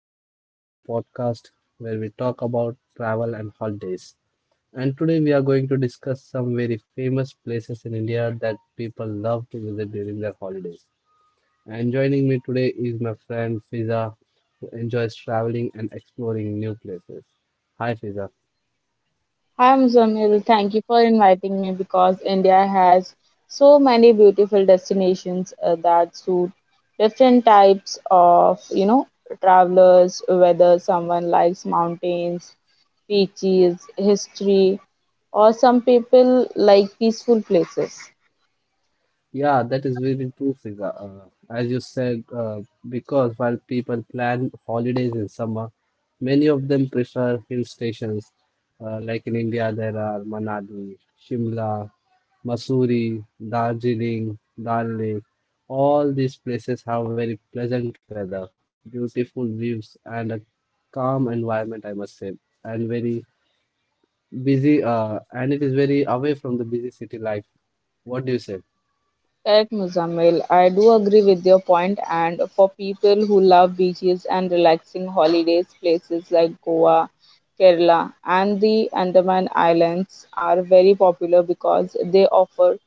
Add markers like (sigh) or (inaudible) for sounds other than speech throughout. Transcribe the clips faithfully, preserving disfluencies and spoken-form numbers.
and welcome to our podcast where we talk about travel and holidays. And today we are going to discuss some very famous places in India that people love to visit during their holidays. And joining me today is my friend Fiza, who enjoys traveling and exploring new places. Hi, Fiza. I'm Zamil. Thank you for inviting me because India has so many beautiful destinations uh, that suit different types of, you know, travelers, whether someone likes mountains, beaches, history, or some people like peaceful places. Yeah, that is very true, Fiza. Uh, as you said, uh, because while people plan holidays in summer, many of them prefer hill stations. Uh, like in India, there are Manali, Shimla, Mussoorie, Darjeeling, Dal Lake. All these places have very pleasant weather, beautiful views, and a calm environment, I must say, and very busy. Uh, and it is very away from the busy city life. What do you say? Correct, Muzammil. I do agree with your point, and for people who love beaches and relaxing holidays, places like Goa, Kerala, and the Andaman Islands are very popular because they offer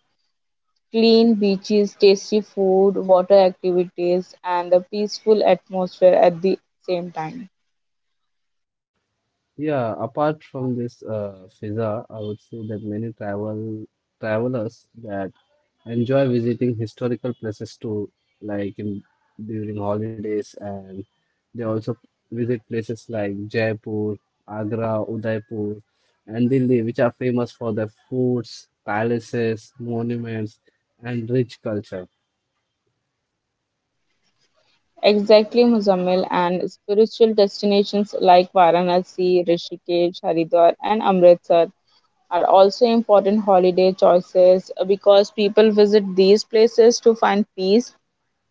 clean beaches, tasty food, water activities, and a peaceful atmosphere at the same time. Yeah, apart from this uh, Fiza, I would say that many travel travelers that enjoy visiting historical places too, like in during holidays, and they also visit places like Jaipur, Agra, Udaipur, and Delhi, which are famous for their forts, palaces, monuments, and rich culture. Exactly, Muzammil, and spiritual destinations like Varanasi, Rishikesh, Haridwar, and Amritsar are also important holiday choices uh, because people visit these places to find peace,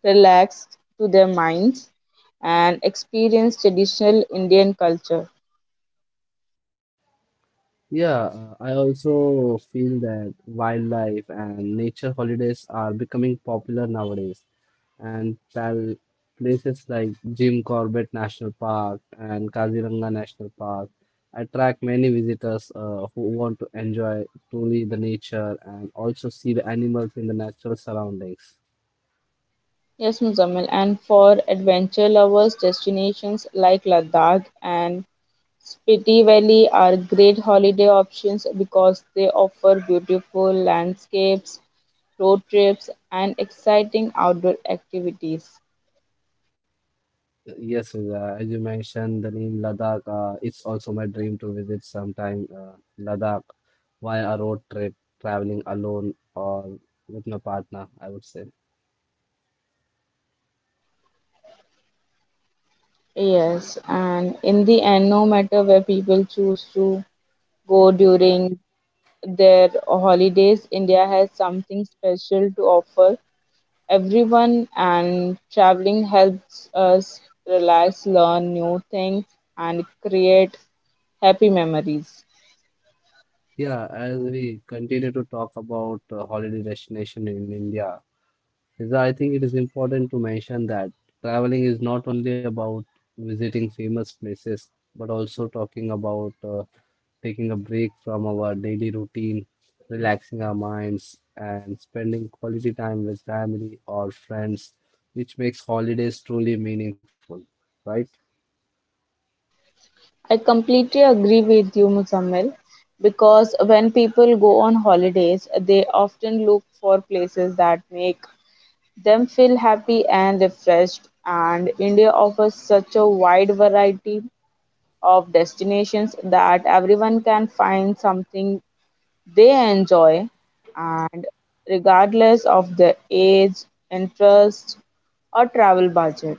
relax to their minds, and experience traditional Indian culture. Yeah, uh, I also feel that wildlife and nature holidays are becoming popular nowadays. And pal places like Jim Corbett National Park and Kaziranga National Park attract many visitors uh, who want to enjoy truly the nature and also see the animals in the natural surroundings. Yes, Muzammil. And for adventure lovers, destinations like Ladakh and Spiti Valley are great holiday options because they offer beautiful landscapes, road trips, and exciting outdoor activities. Yes, uh, as you mentioned, the name Ladakh, uh, it's also my dream to visit sometime uh, Ladakh via a road trip, traveling alone or with my partner, I would say. Yes, and in the end, no matter where people choose to go during their holidays, India has something special to offer everyone, and traveling helps us relax, learn new things, and create happy memories. Yeah, as we continue to talk about uh, holiday destination in India, is I think it is important to mention that traveling is not only about visiting famous places, but also talking about uh, taking a break from our daily routine, relaxing our minds, and spending quality time with family or friends, which makes holidays truly meaningful, right? I completely agree with you, Muzammil, because when people go on holidays, they often look for places that make them feel happy and refreshed, and India offers such a wide variety of destinations that everyone can find something they enjoy, and regardless of their age, interest, or travel budget.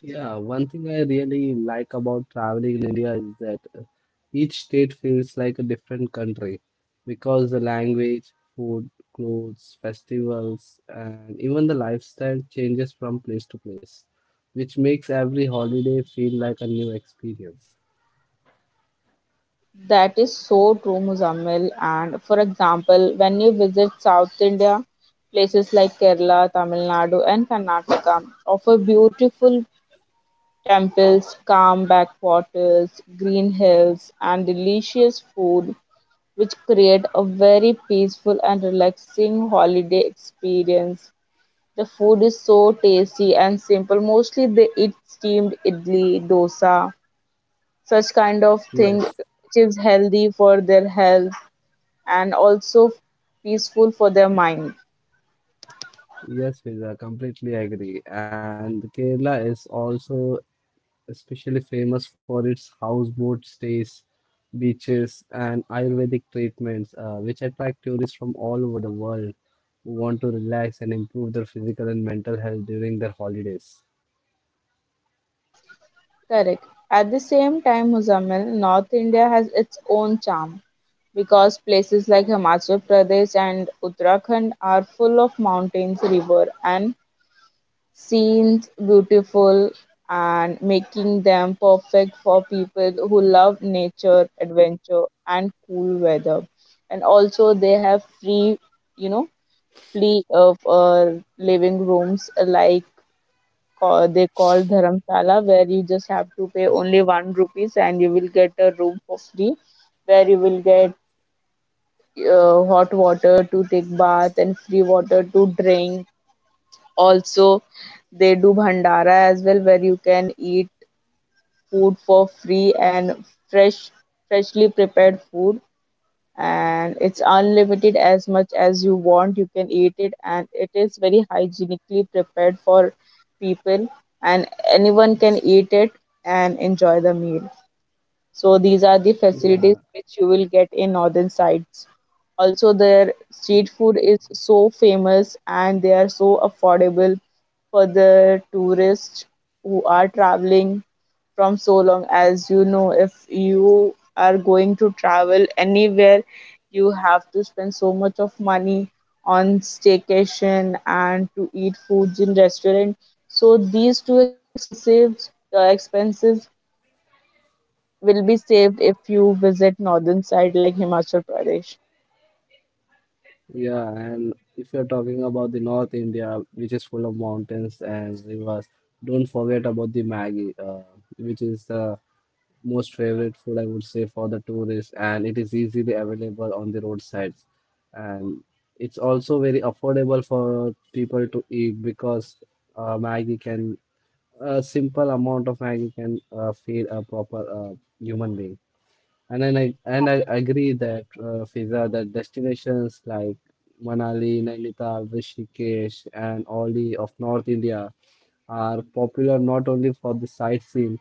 Yeah, one thing I really like about traveling in India is that uh, each state feels like a different country because the language, food, clothes, festivals, and even the lifestyle changes from place to place, which makes every holiday feel like a new experience. That is so true, Muzammil, and for example, when you visit South India, places like Kerala, Tamil Nadu, and Karnataka offer beautiful temples, calm backwaters, green hills, and delicious food, which create a very peaceful and relaxing holiday experience. The food is so tasty and simple. Mostly they eat steamed idli, dosa, such kind of thing, Yes, which is healthy for their health and also peaceful for their mind. Yes, Fiza, completely agree. And Kerala is also especially famous for its houseboat stays, beaches, and Ayurvedic treatments, uh, which attract tourists from all over the world who want to relax and improve their physical and mental health during their holidays. Correct. At the same time, Muzamil, North India has its own charm because places like Himachal Pradesh and Uttarakhand are full of mountains, river, and scenes beautiful, and making them perfect for people who love nature, adventure, and cool weather. And also, they have free, you know, free of uh, living rooms like ca- they call dharamsala, where you just have to pay only one rupees and you will get a room for free, where you will get uh, hot water to take bath and free water to drink. Also, they do bhandara as well, where you can eat food for free, and fresh freshly prepared food, and it's unlimited. As much as you want, you can eat it, and it is very hygienically prepared for people, and anyone can eat it and enjoy the meal. So these are the facilities which you will get in northern sites. Also, their street food is so famous and they are so affordable for the tourists who are traveling from so long. As you know, if you are going to travel anywhere, you have to spend so much of money on staycation and to eat foods in restaurant. So these two expensive uh, expenses will be saved if you visit northern side like Himachal Pradesh. Yeah, and if you're talking about the North India, which is full of mountains and rivers, don't forget about the Maggi, uh, which is the most favorite food I would say for the tourists, and it is easily available on the roadsides. And it's also very affordable for people to eat because uh, Maggie can a simple amount of Maggie can uh, feed a proper uh, human being. And then I and I agree that uh, Fiza that destinations like Manali, Nainital, Rishikesh, and all the of North India are popular not only for the sightseeing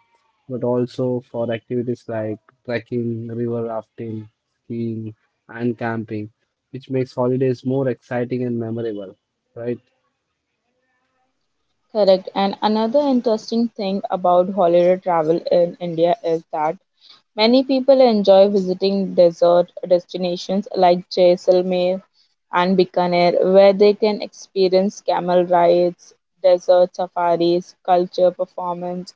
but also for activities like trekking, river rafting, skiing, and camping, which makes holidays more exciting and memorable, right? Correct. And another interesting thing about holiday travel in India is that many people enjoy visiting desert destinations like Jaisalmer and Bikaner, where they can experience camel rides, desert safaris, culture performance,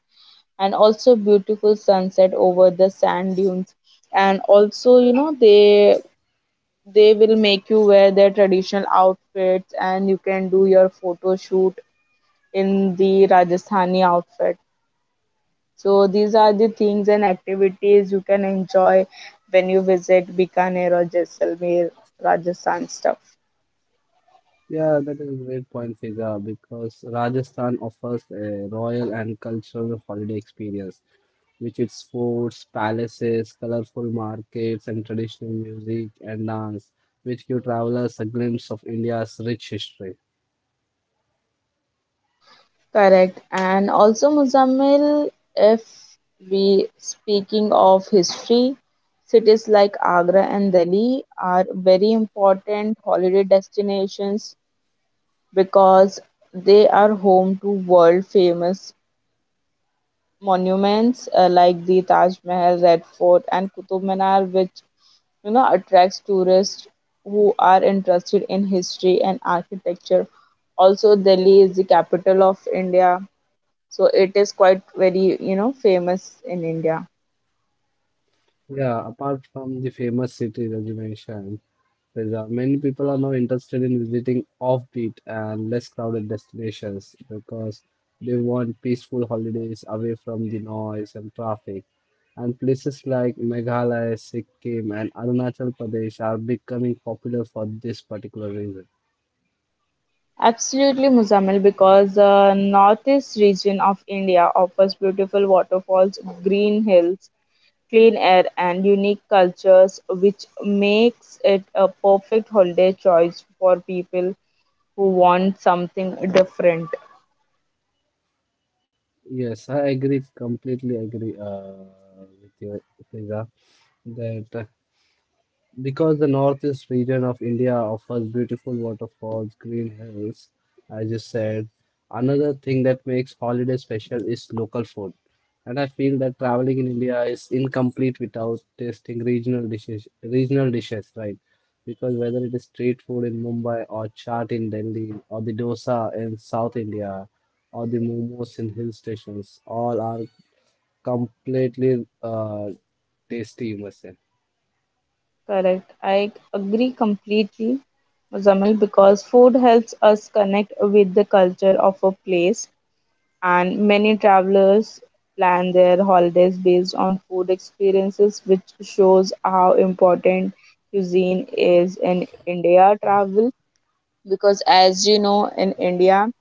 and also beautiful sunset over the sand dunes. And also, you know, they they will make you wear their traditional outfits, and you can do your photo shoot in the Rajasthani outfit. So these are the things and activities you can enjoy when you visit Bikaner or Jaisalmer, Rajasthan stuff. Yeah, that is a great point, Fiza, because Rajasthan offers a royal and cultural holiday experience, which its forts, palaces, colorful markets, and traditional music and dance, which give travelers a glimpse of India's rich history. Correct. And also, Muzammil, if we speaking of history, cities like Agra and Delhi are very important holiday destinations because they are home to world famous monuments uh, like the Taj Mahal, Red Fort, and Qutub Minar, which you know attracts tourists who are interested in history and architecture. Also, Delhi is the capital of India, so it is quite very you know famous in India. Yeah, apart from the famous cities, as you mentioned, there's, uh, many people are now interested in visiting offbeat and less crowded destinations because they want peaceful holidays away from the noise and traffic. And places like Meghalaya, Sikkim, and Arunachal Pradesh are becoming popular for this particular reason. Absolutely, Muzammil, because the northeast region of India offers beautiful waterfalls, green hills, clean air, and unique cultures, which makes it a perfect holiday choice for people who want something different. Yes, I agree, completely agree uh, with you, Fiza, that. Uh, Because the northeast region of India offers beautiful waterfalls, green hills, as you said. Another thing that makes holiday special is local food. And I feel that traveling in India is incomplete without tasting regional dishes, regional dishes, right? Because whether it is street food in Mumbai or chaat in Delhi or the dosa in South India or the momos in hill stations, all are completely uh, tasty, you must say. Correct. I agree completely, Muzamil, because food helps us connect with the culture of a place, and many travelers plan their holidays based on food experiences, which shows how important cuisine is in India travel. Because, as you know, in India,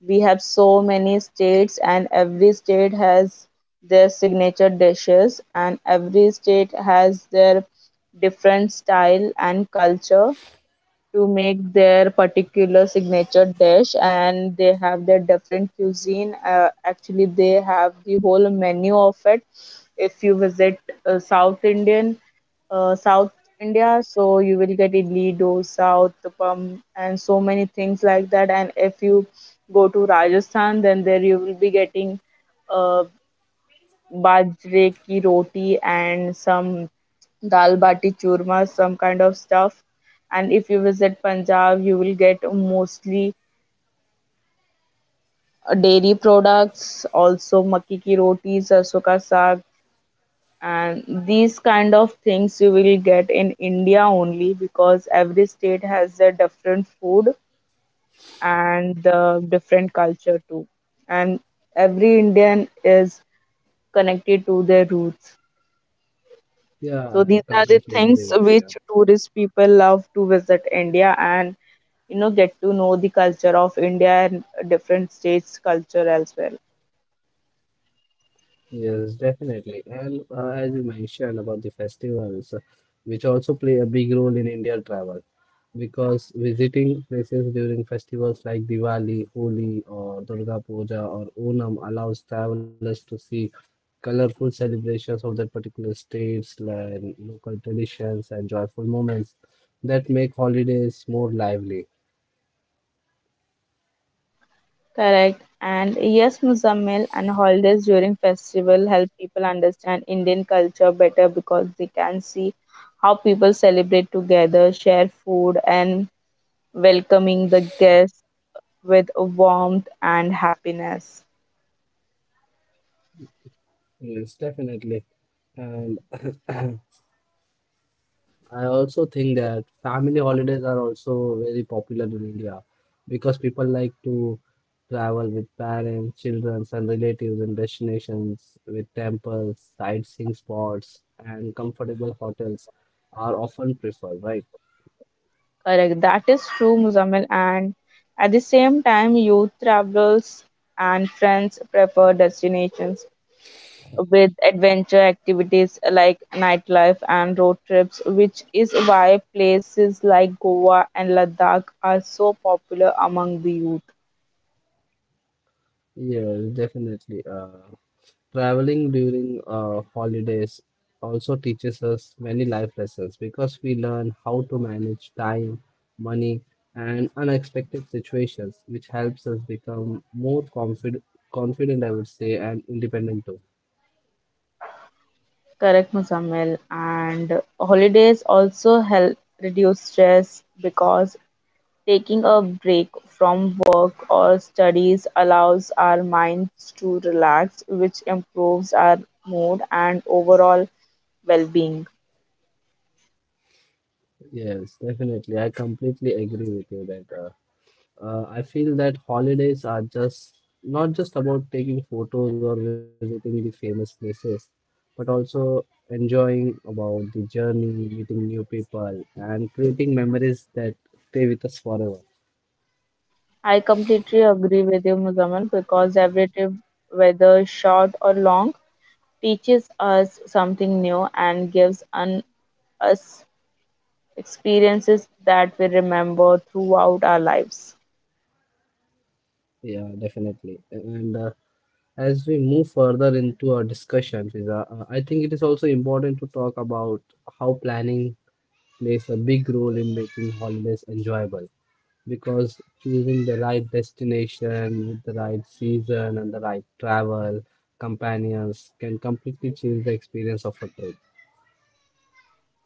we have so many states, and every state has their signature dishes, and every state has their different style and culture to make their particular signature dish, and they have their different cuisine. Uh, actually, they have the whole menu of it. If you visit uh, south indian uh, South India, so you will get idli, dosa, uttapam, and so many things like that. And if you go to Rajasthan, then there you will be getting uh, bajre ki roti and some dal bati churma, some kind of stuff. And if you visit Punjab, you will get mostly uh, dairy products, also makki ki roti, sarso ka saag, and these kind of things you will get in India only, because every state has their different food and the different culture too. And every Indian is connected to their roots. So these are Yeah, the I things completely which tourist people love to visit India and you know get to know the culture of India and different states culture as well. Yes, definitely. And uh, as you mentioned about the festivals, which also play a big role in India travel, because visiting places during festivals like Diwali, Holi, or Durga Puja or Onam allows travelers to see colorful celebrations of their particular states, and local traditions, and joyful moments that make holidays more lively. Correct. And yes, Muzammil, and holidays during festival help people understand Indian culture better because they can see how people celebrate together, share food, and welcoming the guests with warmth and happiness. Yes, definitely. And (clears throat) I also think that family holidays are also very popular in India because people like to travel with parents, children, and relatives in destinations with temples, sightseeing spots, and comfortable hotels are often preferred, right? Correct. That is true, Muzammil. And at the same time, youth travelers and friends prefer destinations with adventure activities like nightlife and road trips, which is why places like Goa and Ladakh are so popular among the youth. Yeah, definitely. Uh, Traveling during uh, holidays also teaches us many life lessons because we learn how to manage time, money, and unexpected situations, which helps us become more confident. Confident, I would say, and independent too. Correct, Muzammil. And holidays also help reduce stress because taking a break from work or studies allows our minds to relax, which improves our mood and overall well being. Yes, definitely. I completely agree with you that uh, Uh, I feel that holidays are just not just about taking photos or visiting the famous places, but also enjoying about the journey, meeting new people, and creating memories that stay with us forever. I completely agree with you, Muzammil, because every trip, whether short or long, teaches us something new and gives un- us experiences that we remember throughout our lives. Yeah, definitely. And uh, as we move further into our discussion, Fiza, uh, I think it is also important to talk about how planning plays a big role in making holidays enjoyable. Because choosing the right destination with the right season and the right travel companions can completely change the experience of a trip.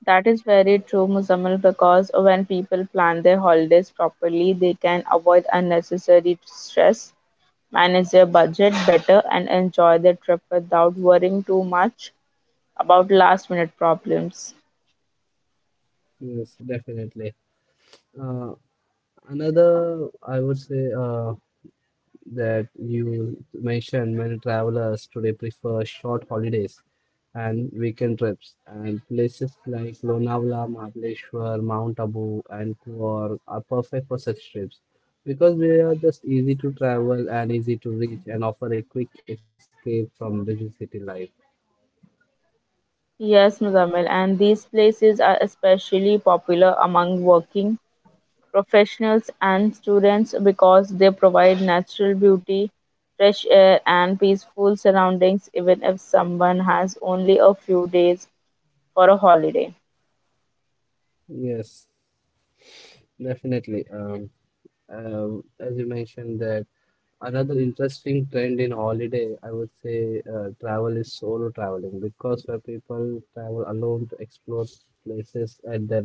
That is very true, Muzammil, because when people plan their holidays properly, they can avoid unnecessary stress, manage their budget better, and enjoy their trip without worrying too much about last minute problems. Yes, definitely. Uh, Another, I would say, uh, that you mentioned many travelers today prefer short holidays and weekend trips and places like Lonavala, Mahabaleshwar, Mount Abu and Kuor are perfect for such trips because they are just easy to travel and easy to reach and offer a quick escape from busy city life. Yes, Muzamil, and these places are especially popular among working professionals and students because they provide natural beauty, fresh air, and peaceful surroundings, even if someone has only a few days for a holiday. Yes. Definitely. Um, um, as you mentioned that another interesting trend in holiday, I would say uh, travel is solo traveling because where people travel alone to explore places at their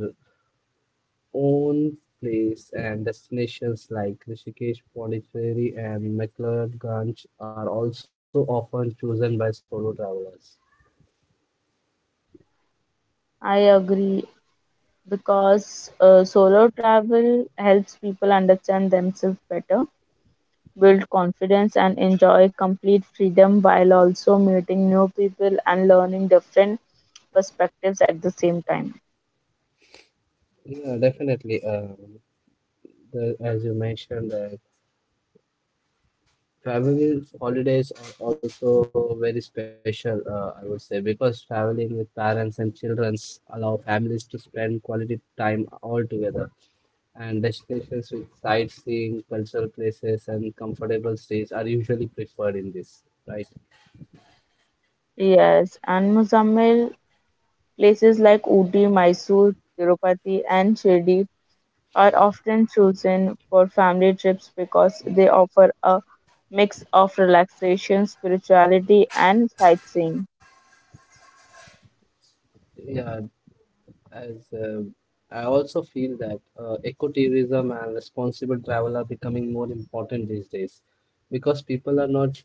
own place and destinations like Rishikesh, Pondicherry, and McLeodganj are also often chosen by solo travelers. I agree, because uh, solo travel helps people understand themselves better, build confidence, and enjoy complete freedom, while also meeting new people and learning different perspectives at the same time. Yeah, definitely. Um, the, as you mentioned that. Travel holidays are also very special, uh, I would say, because traveling with parents and children allow families to spend quality time all together. And destinations with sightseeing, cultural places, and comfortable stays are usually preferred in this, right? Yes, and Muzammil, places like Ooty, Mysore, Tirupati, and Shirdi are often chosen for family trips because they offer a mix of relaxation, spirituality, and sightseeing. Yeah, as uh, I also feel that uh, ecotourism and responsible travel are becoming more important these days because people are not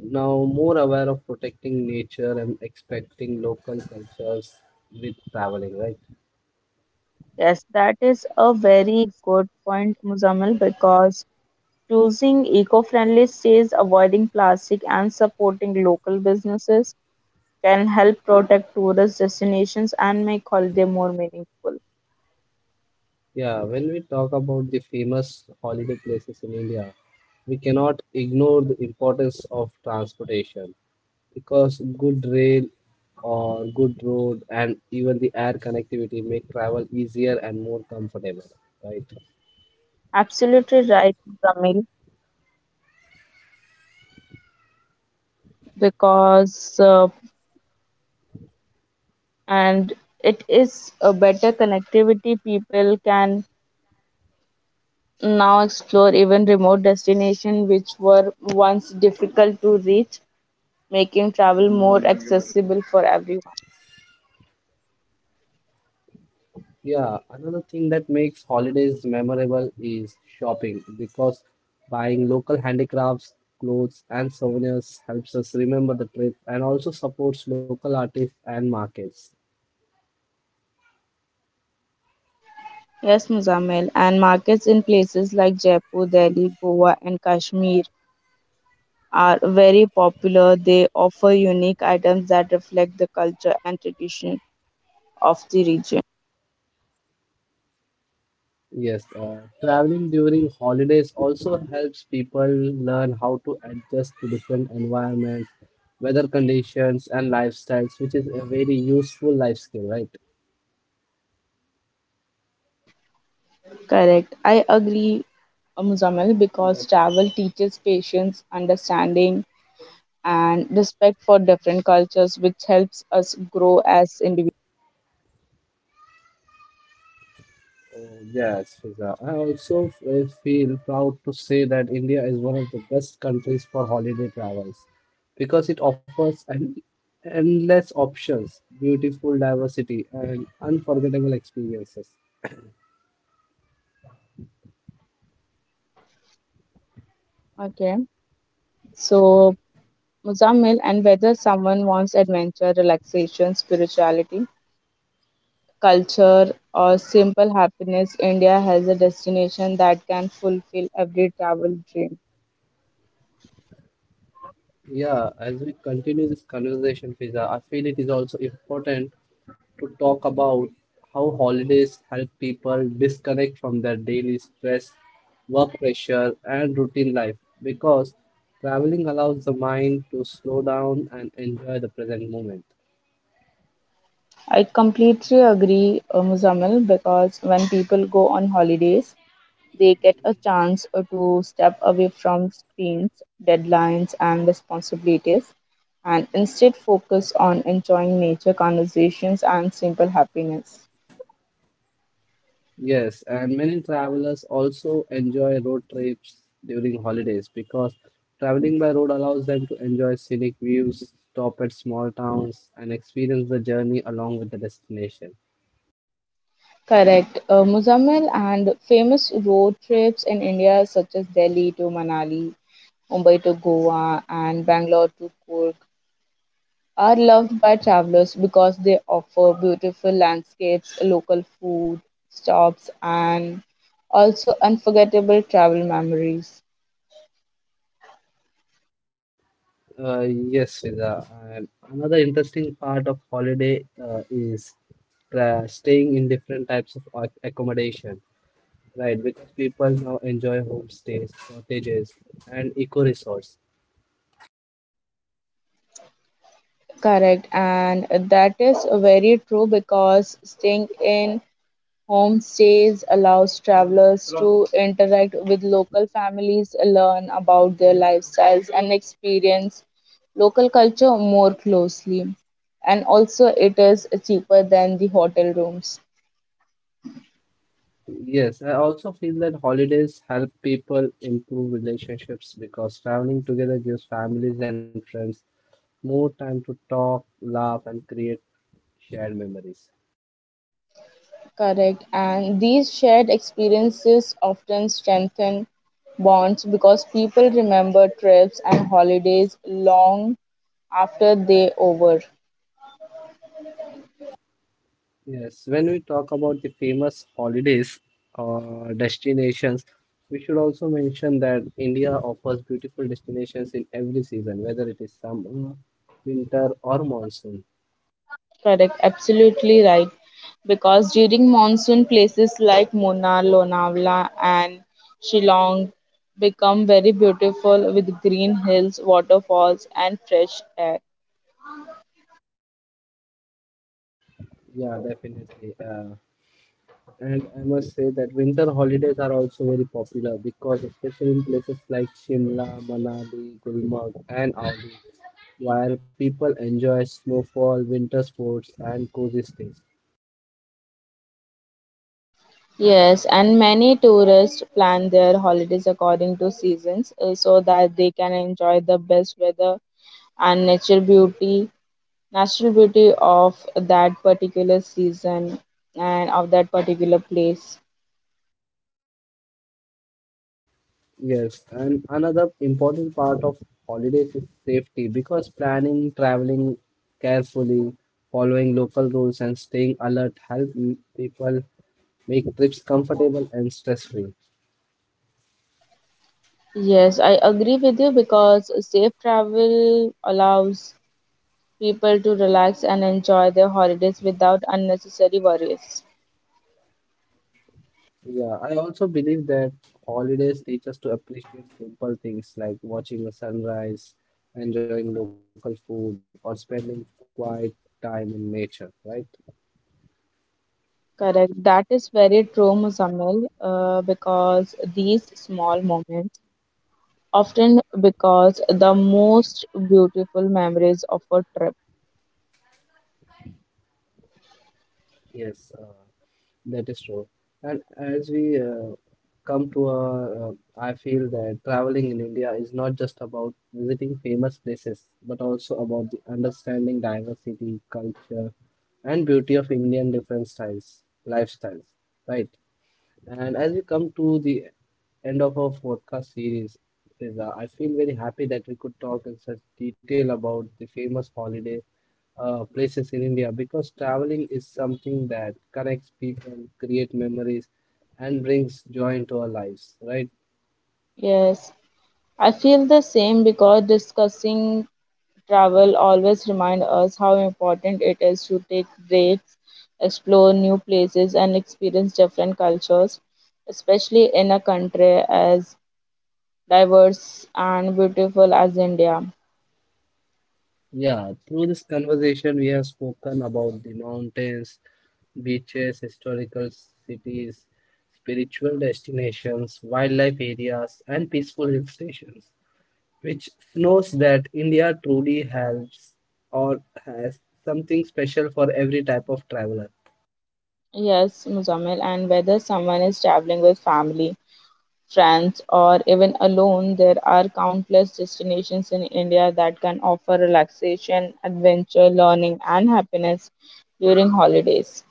now more aware of protecting nature and expecting local cultures with traveling, right? Yes, that is a very good point, Muzammil, because choosing eco-friendly stays, avoiding plastic, and supporting local businesses can help protect tourist destinations and make holiday more meaningful. Yeah, when we talk about the famous holiday places in India, we cannot ignore the importance of transportation because good rail or good road and even the air connectivity make travel easier and more comfortable, right? Absolutely right, Ramil, because uh, and it is a better connectivity. People can now explore even remote destinations which were once difficult to reach, making travel more accessible for everyone. Yeah, another thing that makes holidays memorable is shopping because buying local handicrafts, clothes, and souvenirs helps us remember the trip and also supports local artists and markets. Yes, Muzamil, and markets in places like Jaipur, Delhi, Goa, and Kashmir are very popular. They offer unique items that reflect the culture and tradition of the region. Yes, uh, traveling during holidays also helps people learn how to adjust to different environments, weather conditions, and lifestyles, which is a very useful life skill, right? Correct. I agree, uh, Muzamil, because travel teaches patience, understanding, and respect for different cultures, which helps us grow as individuals. Oh, yes, Fiza. I also f- eh, feel proud to say that India is one of the best countries for holiday travels because it offers an endless options, beautiful diversity, and unforgettable experiences. Okay. So, Muzamil, and whether someone wants adventure, relaxation, spirituality, culture, or simple happiness, India has a destination that can fulfill every travel dream. Yeah, as we continue this conversation, Fiza, I feel it is also important to talk about how holidays help people disconnect from their daily stress, work pressure, and routine life because traveling allows the mind to slow down and enjoy the present moment. I completely agree, uh, Muzamil, because when people go on holidays, they get a chance uh, to step away from screens, deadlines, and responsibilities, and instead focus on enjoying nature, conversations, and simple happiness. Yes, and many travelers also enjoy road trips during holidays because traveling by road allows them to enjoy scenic views, stop at small towns, and experience the journey along with the destination. Correct. Uh, Muzammil, and famous road trips in India, such as Delhi to Manali, Mumbai to Goa, and Bangalore to Kurg, are loved by travelers because they offer beautiful landscapes, local food, stops, and also unforgettable travel memories. Uh, yes, Fiza. And another interesting part of holiday uh, is tra- staying in different types of ac- accommodation, right? Because people now enjoy homestays, cottages, and eco resorts. Correct, and that is very true because staying in homestays allows travelers to interact with local families, learn about their lifestyles, and experience local culture more closely. And also, it is cheaper than the hotel rooms. Yes, I also feel that holidays help people improve relationships because traveling together gives families and friends more time to talk, laugh, and create shared memories. Correct. And these shared experiences often strengthen bonds, because people remember trips and holidays long after they over. Yes, when we talk about the famous holidays or destinations, we should also mention that India offers beautiful destinations in every season, whether it is summer, winter, or monsoon. Correct, absolutely right. Because during monsoon, places like Munnar, Lonavala, and Shillong become very beautiful with green hills, waterfalls, and fresh air. Yeah, definitely. Uh, And I must say that winter holidays are also very popular because, especially in places like Shimla, Manali, Gulmarg, and Audi, where people enjoy snowfall, winter sports, and cozy stays. Yes, and many tourists plan their holidays according to seasons, uh, so that they can enjoy the best weather and nature beauty, natural beauty of that particular season and of that particular place. Yes, and another important part of holidays is safety because planning, traveling carefully, following local rules, and staying alert help m- people make trips comfortable and stress free. Yes, I agree with you because safe travel allows people to relax and enjoy their holidays without unnecessary worries. Yeah, I also believe that holidays teach us to appreciate simple things like watching the sunrise, enjoying local food, or spending quiet time in nature, right? Correct. That is very true, Muzammil, uh, because these small moments often because the most beautiful memories of a trip. Yes, uh, that is true. And as we uh, come to our, uh, I feel that traveling in India is not just about visiting famous places, but also about the understanding diversity, culture, and beauty of Indian different styles, lifestyles, right? And as we come to the end of our podcast series, Reza, I feel very happy that we could talk in such detail about the famous holiday uh, places in India because traveling is something that connects people, create memories, and brings joy into our lives, right? Yes, I feel the same because discussing travel always reminds us how important it is to take breaks, explore new places, and experience different cultures, especially in a country as diverse and beautiful as India. Yeah, through this conversation, we have spoken about the mountains, beaches, historical cities, spiritual destinations, wildlife areas, and peaceful hill stations, which knows that India truly has or has something special for every type of traveler. Yes, Muzamil, and whether someone is traveling with family, friends, or even alone, there are countless destinations in India that can offer relaxation, adventure, learning, and happiness during holidays.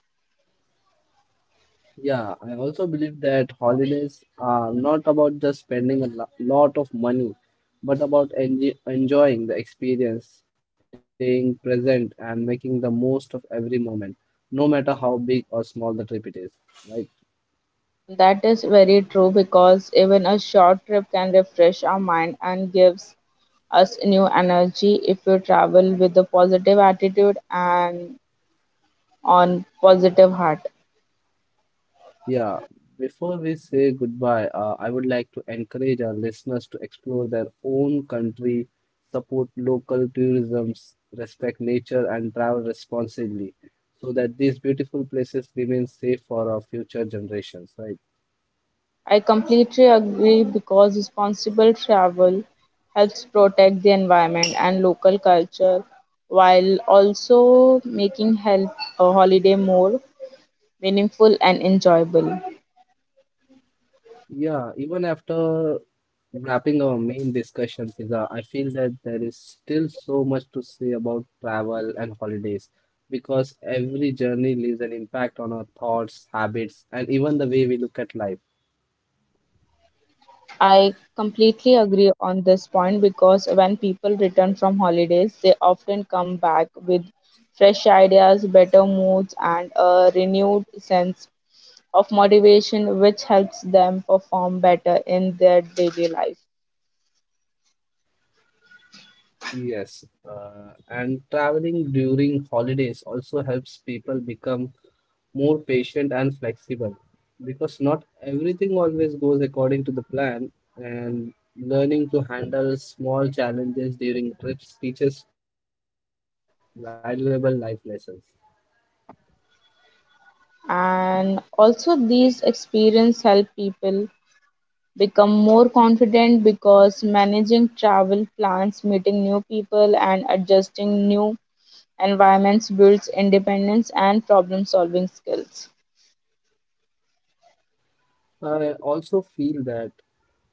Yeah, I also believe that holidays are not about just spending a lo- lot of money, but about enj- enjoying the experience, staying present, and making the most of every moment, no matter how big or small the trip it is, right? That is very true, because even a short trip can refresh our mind and gives us new energy if you travel with a positive attitude and on positive heart. Yeah, before we say goodbye, uh, I would like to encourage our listeners to explore their own country, support local tourism, s- respect nature, and travel responsibly so that these beautiful places remain safe for our future generations, right? I completely agree, because responsible travel helps protect the environment and local culture, while also making help a holiday more meaningful and enjoyable. Yeah, even after wrapping our main discussion, Fiza, I feel that there is still so much to say about travel and holidays because every journey leaves an impact on our thoughts, habits, and even the way we look at life. I completely agree on this point, because when people return from holidays, they often come back with fresh ideas, better moods, and a renewed sense of motivation, which helps them perform better in their daily life. Yes, uh, and traveling during holidays also helps people become more patient and flexible because not everything always goes according to the plan, and learning to handle small challenges during trips teaches valuable life lessons. And also, these experiences help people become more confident, because managing travel plans, meeting new people, and adjusting new environments builds independence and problem solving skills. I also feel that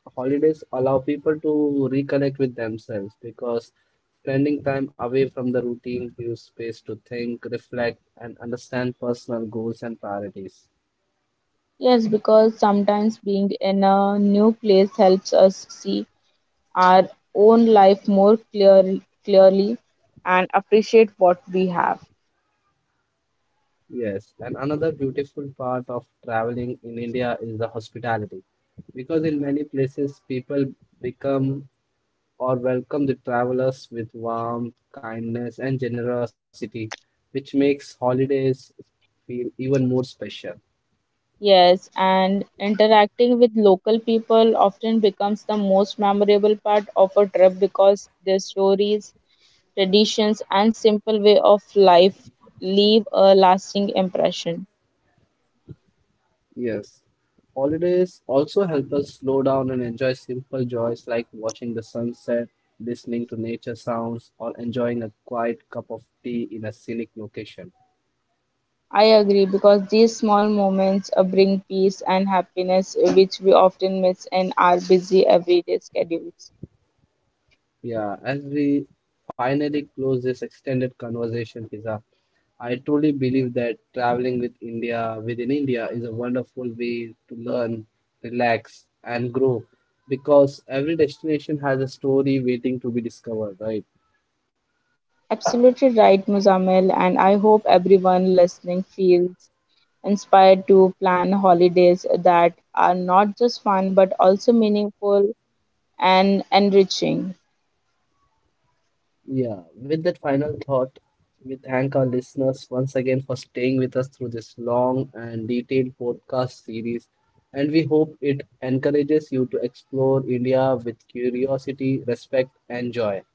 holidays allow people to reconnect with themselves because spending time away from the routine gives space to think, reflect, and understand personal goals and priorities. Yes, because sometimes being in a new place helps us see our own life more clearly clearly, and appreciate what we have. Yes, and another beautiful part of traveling in India is the hospitality because in many places people become or welcome the travelers with warmth, kindness, and generosity, which makes holidays feel even more special. Yes, and interacting with local people often becomes the most memorable part of a trip, because their stories, traditions, and simple way of life leave a lasting impression. Yes. Holidays also help us slow down and enjoy simple joys like watching the sunset, listening to nature sounds, or enjoying a quiet cup of tea in a scenic location. I agree, because these small moments uh, bring peace and happiness, uh, which we often miss in our busy everyday schedules. Yeah, as we finally close this extended conversation, Pizza, I truly believe that traveling with India within India is a wonderful way to learn, relax, and grow because every destination has a story waiting to be discovered, right? Absolutely right, Muzamil, and I hope everyone listening feels inspired to plan holidays that are not just fun but also meaningful and enriching. Yeah, with that final thought, we thank our listeners once again for staying with us through this long and detailed podcast series. And we hope it encourages you to explore India with curiosity, respect, and joy.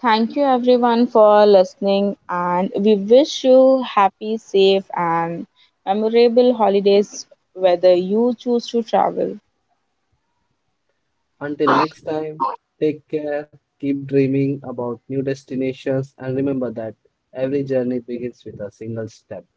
Thank you, everyone, for listening, and we wish you happy, safe, and memorable holidays whether you choose to travel. Until next time, take care, keep dreaming about new destinations, and remember that every journey begins with a single step.